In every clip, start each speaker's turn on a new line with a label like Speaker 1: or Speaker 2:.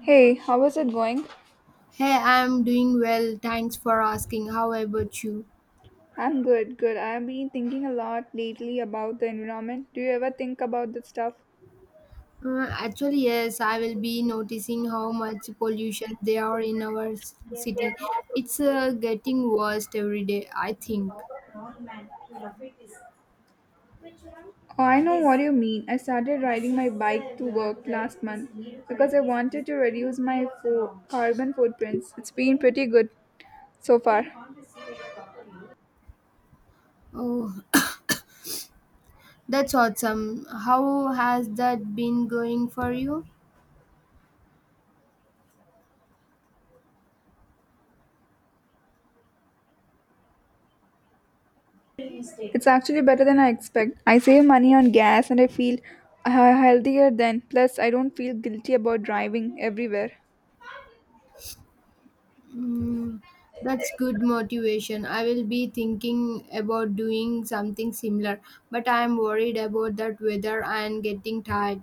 Speaker 1: Hey, how is it going?
Speaker 2: Hey, I'm doing well. Thanks for asking. How about you?
Speaker 1: I'm good. I've been thinking a lot lately about the environment. Do you ever think about this stuff?
Speaker 2: Actually, yes, I will be noticing how much pollution there are in our city. It's getting worse every day, I think.
Speaker 1: Oh, I know what you mean. I started riding my bike to work last month because I wanted to reduce my carbon footprints. It's been pretty good so far.
Speaker 2: Oh, that's awesome. How has that been going for you?
Speaker 1: It's actually better than I expect. I save money on gas and I feel healthier then. Plus, I don't feel guilty about driving everywhere.
Speaker 2: Mm, that's good motivation. I will be thinking about doing something similar, but I'm worried about that weather and getting tired.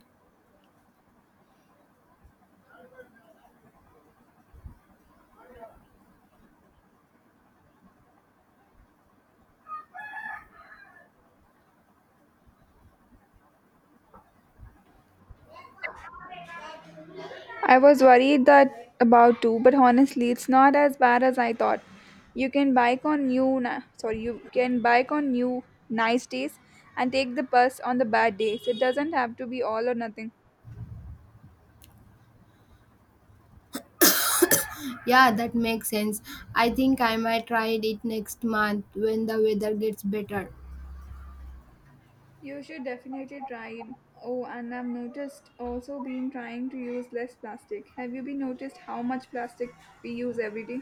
Speaker 1: I was worried that about too, but honestly, it's not as bad as I thought. You can bike on you can bike on new nice days and take the bus on the bad days. It doesn't have to be all or nothing.
Speaker 2: Yeah, that makes sense. I think I might try it next month when the weather gets better.
Speaker 1: You should definitely try it. Oh, and I've noticed also been trying to use less plastic. Have you been noticed how much plastic we use every day?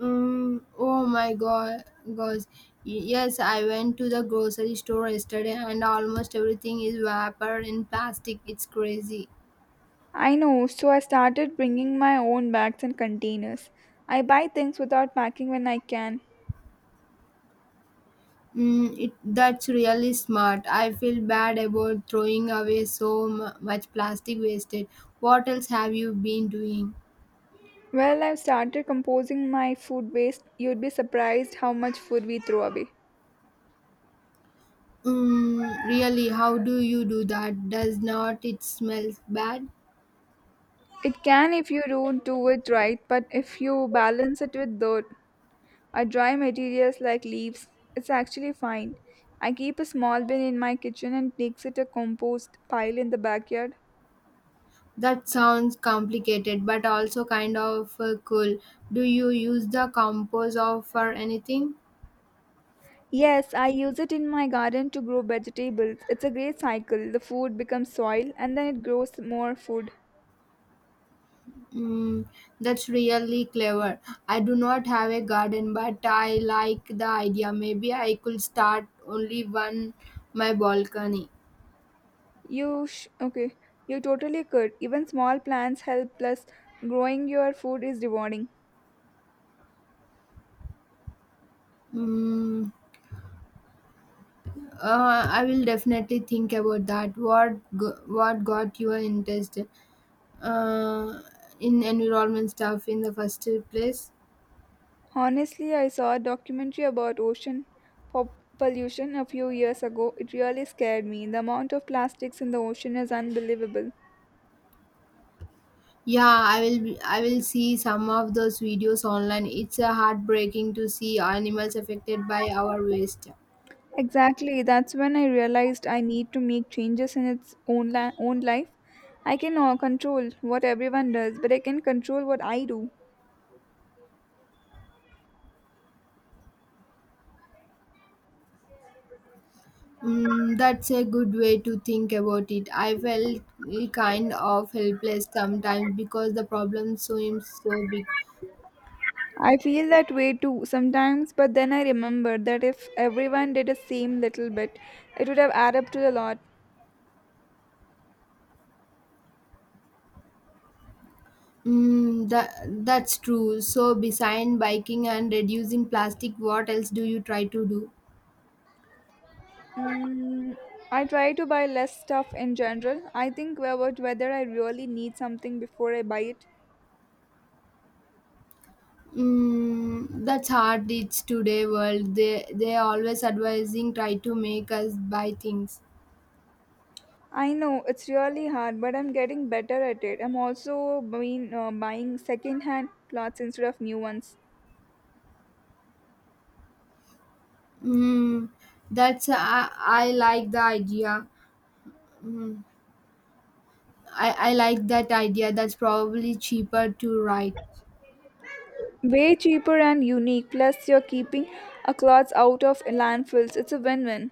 Speaker 2: Oh my god, gosh. Yes, I went to the grocery store yesterday and almost everything is wrapper in plastic. It's crazy.
Speaker 1: I know, so I started bringing my own bags and containers. I buy things without packing when I can.
Speaker 2: Mm, that's really smart. I feel bad about throwing away so much plastic wasted. What else have you been doing?
Speaker 1: Well, I've started composing my food waste. You'd be surprised how much food we throw away.
Speaker 2: Mm, really, how do you do that? Does not it smell bad?
Speaker 1: It can if you don't do it right, but if you balance it with dirt or dry materials like leaves, it's actually fine. I keep a small bin in my kitchen and makes it a compost pile in the backyard.
Speaker 2: That sounds complicated, but also kind of cool. Do you use the composer for anything?
Speaker 1: Yes, I use it in my garden to grow vegetables. It's a great cycle. The food becomes soil and then it grows more food.
Speaker 2: Mm, that's really clever. I do not have a garden, but I like the idea. Maybe I could start only one my balcony.
Speaker 1: Okay? You totally could. Even small plants help. Plus, growing your food is rewarding.
Speaker 2: Mm, I will definitely think about that. What got your interest uh, in environment stuff in the first place?
Speaker 1: Honestly, I saw a documentary about ocean pollution a few years ago. It really scared me. The amount of plastics in the ocean is unbelievable.
Speaker 2: Yeah, I will see some of those videos online. It's heartbreaking to see animals affected by our waste.
Speaker 1: Exactly. That's when I realized I need to make changes in its own life. I can control what everyone does, but I can control what I do.
Speaker 2: Mm, that's a good way to think about it. I felt kind of helpless sometimes because the problem seems so big.
Speaker 1: I feel that way too sometimes, but then I remember that if everyone did the same little bit, it would have added up to a lot.
Speaker 2: Mm, that's true. So, besides biking and reducing plastic, what else do you try to do?
Speaker 1: Mm, I try to buy less stuff in general. I think about whether I really need something before I buy it.
Speaker 2: Mm, that's hard. It's today world. They always advising try to make us buy things.
Speaker 1: I know it's really hard, but I'm getting better at it. I'm also buying second-hand clothes instead of new ones.
Speaker 2: Mm, that's I like the idea. Mm, I like that idea. That's probably cheaper to write.
Speaker 1: Way cheaper and unique. Plus, you're keeping a clothes out of landfills. It's a win-win.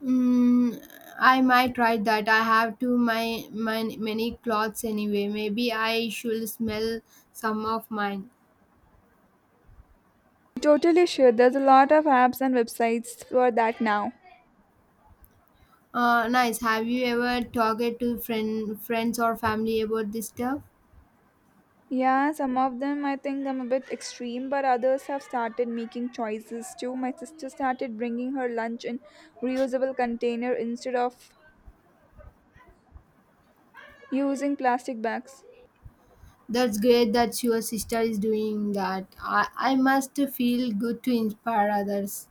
Speaker 2: Mm, I might try that. I have too my many clothes anyway. Maybe I should smell some of mine.
Speaker 1: Totally sure. There's a lot of apps and websites for that now.
Speaker 2: Nice. Have you ever talked to friends or family about this stuff?
Speaker 1: Yeah, some of them I think I'm a bit extreme, but others have started making choices too. My sister started bringing her lunch in reusable container instead of using plastic bags.
Speaker 2: That's great that your sister is doing that. I must feel good to inspire others.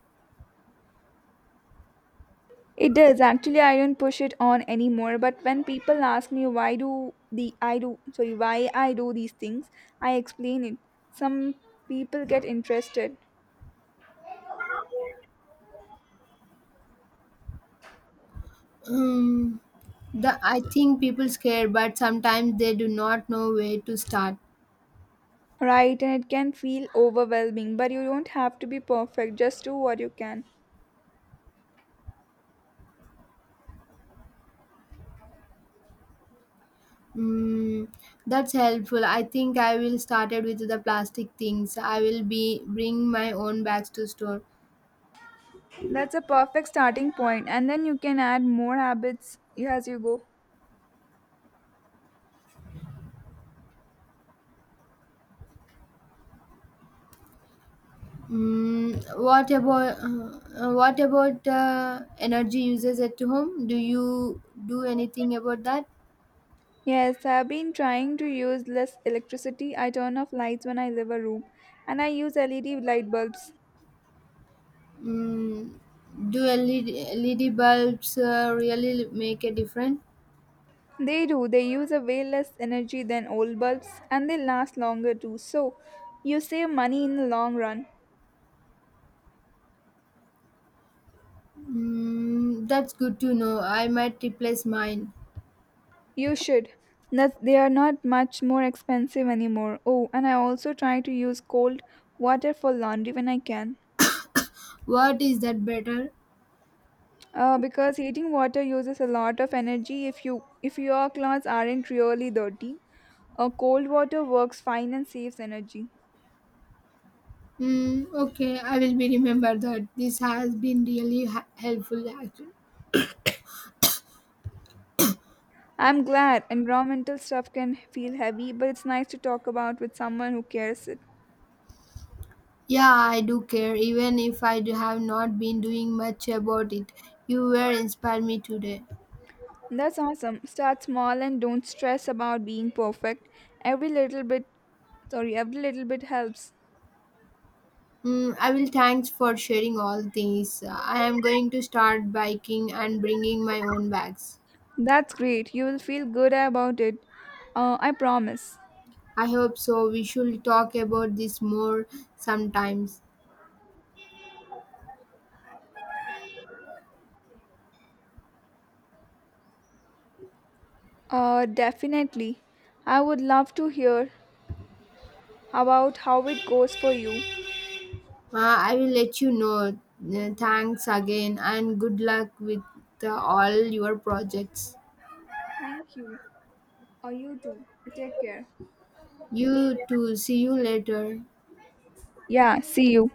Speaker 1: It does actually. I don't push it on anymore. But when people ask me why I do these things, I explain it. Some people get interested.
Speaker 2: Um, the I think people scared, but sometimes they do not know where to start.
Speaker 1: Right, and it can feel overwhelming, but you don't have to be perfect. Just do what you can.
Speaker 2: Mm, that's helpful. I think I will started with the plastic things. I will be bring my own bags to store.
Speaker 1: That's a perfect starting point, and then you can add more habits as you go.
Speaker 2: Mm, what about energy uses at home? Do you do anything about that?
Speaker 1: Yes, I've been trying to use less electricity. I turn off lights when I leave a room, and I use LED light bulbs.
Speaker 2: Mm, do LED bulbs really make a difference?
Speaker 1: They do, they use a way less energy than old bulbs, and they last longer too. So, you save money in the long run.
Speaker 2: Mm, that's good to know. I might replace mine.
Speaker 1: You should. That they are not much more expensive anymore. Oh, and I also try to use cold water for laundry when I can.
Speaker 2: What is that better?
Speaker 1: Because heating water uses a lot of energy if your clothes aren't really dirty. Cold water works fine and saves energy.
Speaker 2: Mm, okay, I will be remember that. This has been really helpful. Actually.
Speaker 1: I'm glad environmental stuff can feel heavy, but it's nice to talk about with someone who cares it.
Speaker 2: Yeah, I do care, even if I do have not been doing much about it. You were inspired me today.
Speaker 1: That's awesome. Start small and don't stress about being perfect. Every little bit, every little bit helps.
Speaker 2: Mm, I will thanks for sharing all these. I am going to start biking and bringing my own bags.
Speaker 1: That's great. You will feel good about it. I promise.
Speaker 2: I hope so. We should talk about this more sometimes.
Speaker 1: Definitely. I would love to hear about how it goes for you.
Speaker 2: I will let you know. Thanks again and good luck with all your projects.
Speaker 1: Thank you. Or you too. Take care.
Speaker 2: You too. See you later.
Speaker 1: Yeah, see you.